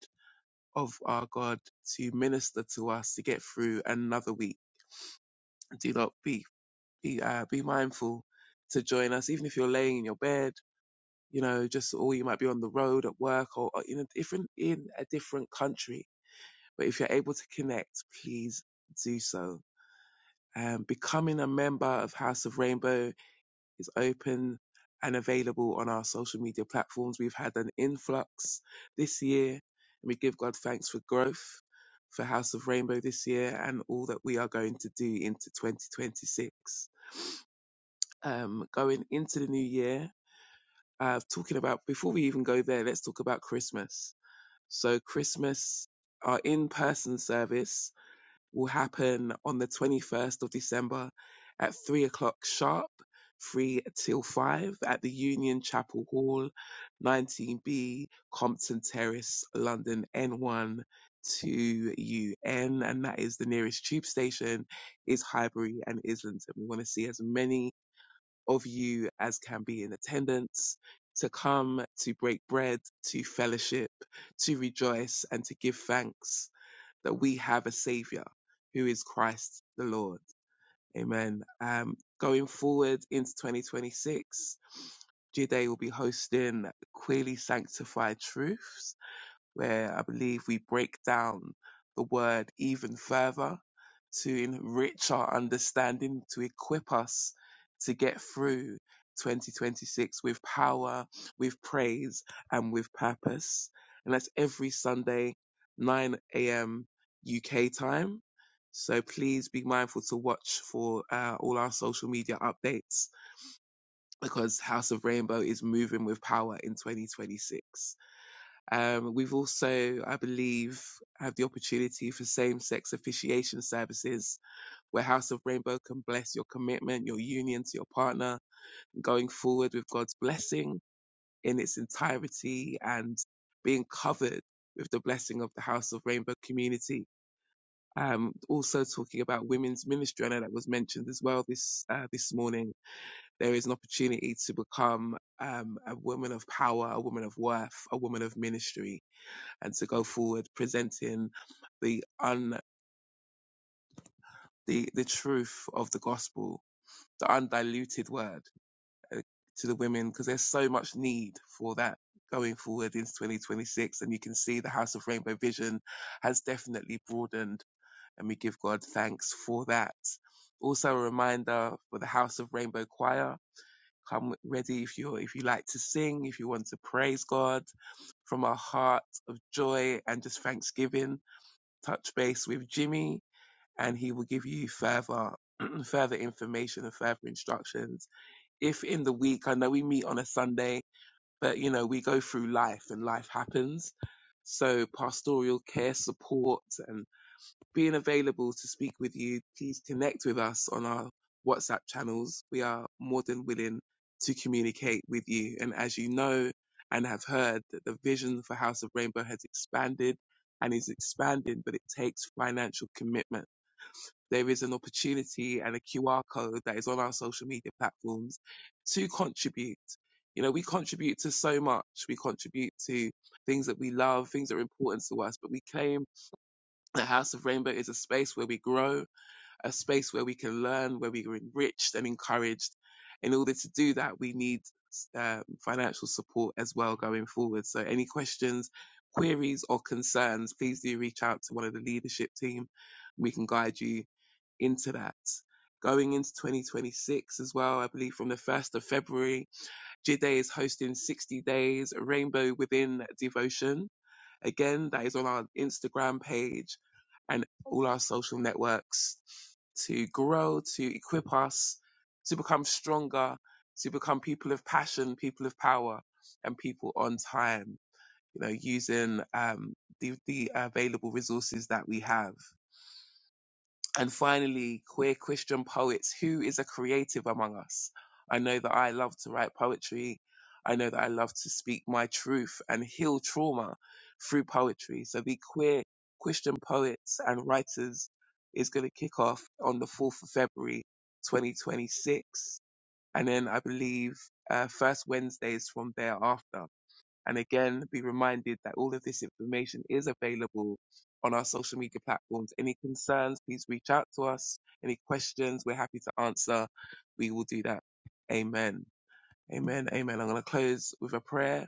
D: of our God to minister to us to get through another week. Do not be be uh, be mindful to join us, even if you're laying in your bed. You know, just or you might be on the road at work or, or in a different in a different country. But if you're able to connect, please do so Um, becoming a member of House of Rainbow is open and available on our social media platforms. We've had an influx this year, and we give God thanks for growth for House of Rainbow this year and all that we are going to do into 2026. Um, going into the new year, uh, talking about, before we even go there, let's talk about Christmas. So, Christmas, our in person service will happen on the 21st of December at three o'clock sharp, three till five at the Union Chapel Hall, 19B, Compton Terrace, London N1 to UN. And that is the nearest tube station is Highbury and Islington. We want to see as many of you as can be in attendance to come to break bread, to fellowship, to rejoice and to give thanks that we have a savior who is Christ the Lord. Amen. Um, going forward into 2026, Jide will be hosting Queerly Sanctified Truths where I believe we break down the word even further to enrich our understanding, to equip us to get through 2026 with power, with praise, and with purpose. And that's every Sunday, 9 a.m. UK time. So please be mindful to watch for uh, all our social media updates because House of Rainbow is moving with power in 2026. Um, we've also, I believe, have the opportunity for same-sex officiation services where House of Rainbow can bless your commitment, your union to your partner, going forward with God's blessing in its entirety and being covered with the blessing of the House of Rainbow community. Um, also talking about women's ministry, I know that was mentioned as well this uh, this morning. There is an opportunity to become um, a woman of power, a woman of worth, a woman of ministry and to go forward presenting the un the the truth of the gospel, the undiluted word uh, to the women, because there's so much need for that going forward into 2026. And you can see the House of Rainbow Vision has definitely broadened, and we give God thanks for that. Also, a reminder for the House of Rainbow Choir. Come ready if you if you like to sing, if you want to praise God from a heart of joy and just thanksgiving touch base with Jimmy and he will give you further further information and further instructions. If in the week, I know we meet on a Sunday, but you know, we go through life and life happens. So pastoral care support and being available to speak with you, please connect with us on our WhatsApp channels. We are more than willing to communicate with you. And as you know and have heard, that the vision for House of Rainbow has expanded and is expanding, but it takes financial commitment. There is an opportunity and a QR code that is on our social media platforms to contribute. You know, we contribute to so much. We contribute to things that we love, things that are important to us, but we claim the House of Rainbow is a space where we grow, a space where we can learn, where we are enriched and encouraged. In order to do that, we need um, financial support as well going forward. So, any questions, queries, or concerns, please do reach out to one of the leadership team. We can guide you into that. Going into 2026 as well, I believe from the 1st of February, JIDE is hosting 60 days Rainbow Within Devotion Again, that is on our Instagram page and all our social networks to grow, to equip us, to become stronger, to become people of passion, people of power, and people on time. You know, using um, the, the available resources that we have. And finally, queer Christian poets. Who is a creative among us? I know that I love to write poetry. I know that I love to speak my truth and heal trauma through poetry. So the queer Christian poets and writers is going to kick off on the 4th of February 2026. And then I believe uh, first Wednesdays from thereafter. And again, be reminded that all of this information is available on our social media platforms. Any concerns, please reach out to us. Any questions, we're happy to answer. We will do that. Amen. Amen. Amen. I'm going to close with a prayer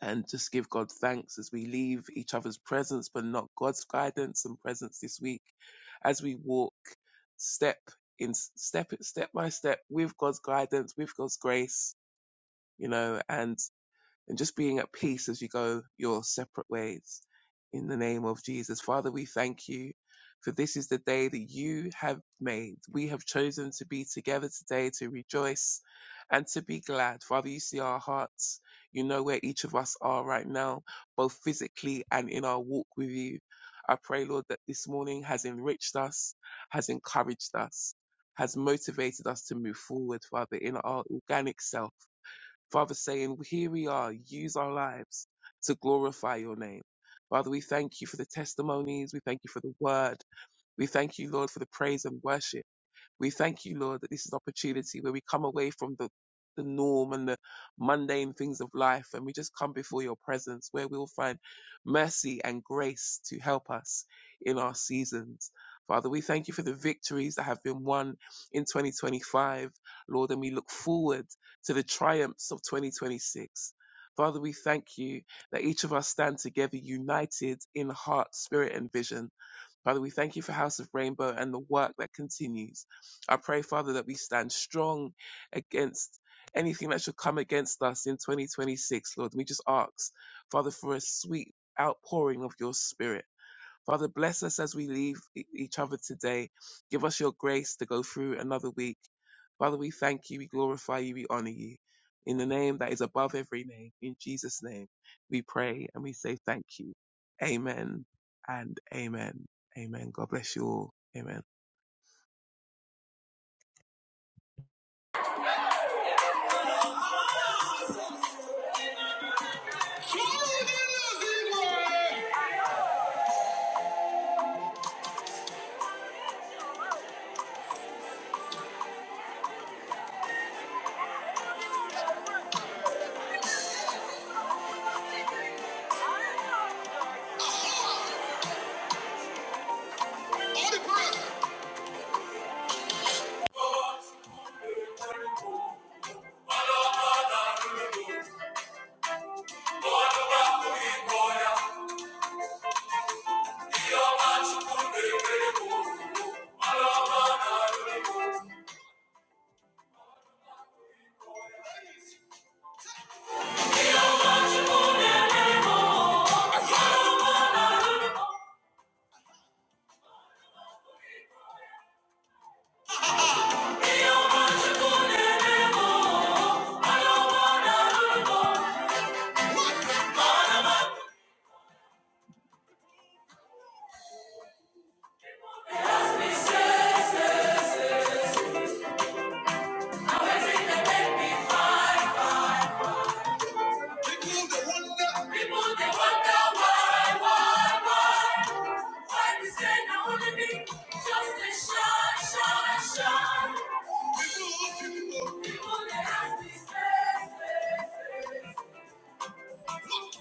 D: and just give God thanks as we leave each other's presence, but not God's guidance and presence this week as we walk step in step step by step with God's guidance, with God's grace, you know, and and just being at peace as you go your separate ways. In the name of Jesus. Father, we thank you for this is the day that you have made. We have chosen to be together today to rejoice and to be glad. Father, you see our hearts. You know where each of us are right now, both physically and in our walk with you. I pray, Lord, that this morning has enriched us, has encouraged us, has motivated us to move forward, Father, in our organic self Father, saying, Here we are, use our lives to glorify your name. Father, we thank you for the testimonies. We thank you for the word. We thank you, Lord, for the praise and worship. We thank you, Lord, that this is opportunity where we come away from the, the norm and the mundane things of life and we just come before your presence where we'll find mercy and grace to help us in our seasons. Father, we thank you for the victories that have been won in 2025, Lord, and we look forward to the triumphs of 2026. Father, we thank you that each of us stand together united in heart, spirit, and vision Father, we thank you for House of Rainbow and the work that continues. I pray, Father, that we stand strong against anything that should come against us in 2026, Lord. We just ask, Father, for a sweet outpouring of your spirit. Father, bless us as we leave e- each other today. Give us your grace to go through another week. Father, we thank you, we glorify you, we honor you. In the name that is above every name, in Jesus' name, we pray and we say thank you. Amen and amen. Amen. God bless you all. Amen.
A: People they wonder. People they wonder why, why, why. Why we say now only me. Just a shine, shine, shine. People they ask me, say, say, say. Jesus.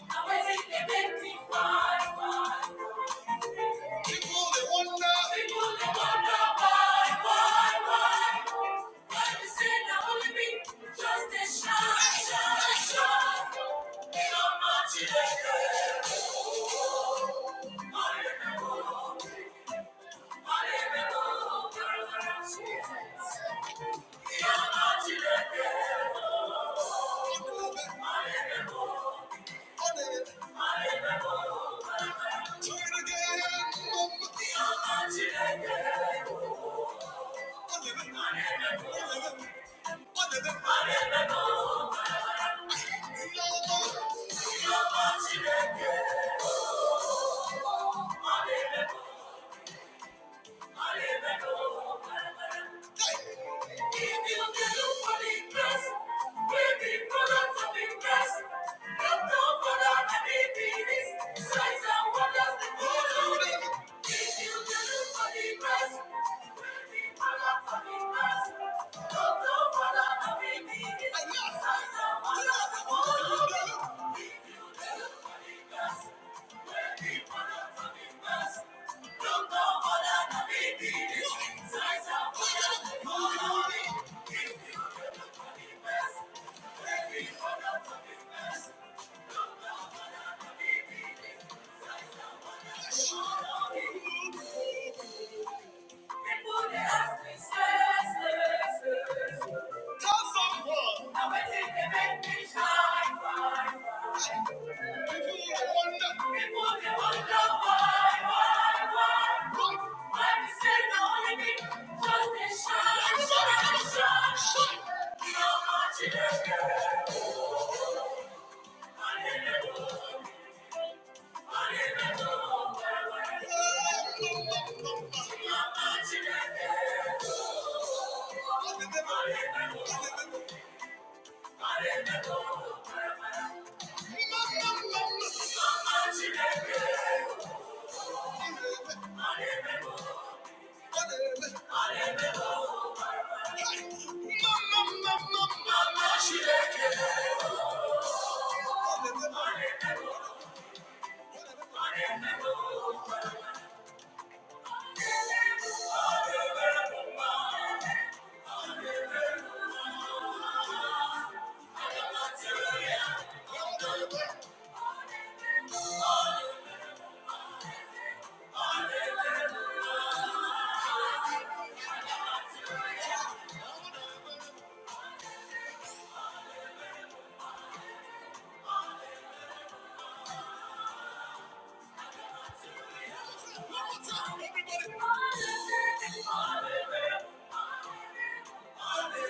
A: Thank you. Thank you. Thank you. Tell someone. I went in to make me shine, shine, shine. People they wonder. People they wonder why, why, why. Why we stay the only thing just to shine, shine, shine. shine. You're Mama, she Everybody. Mama,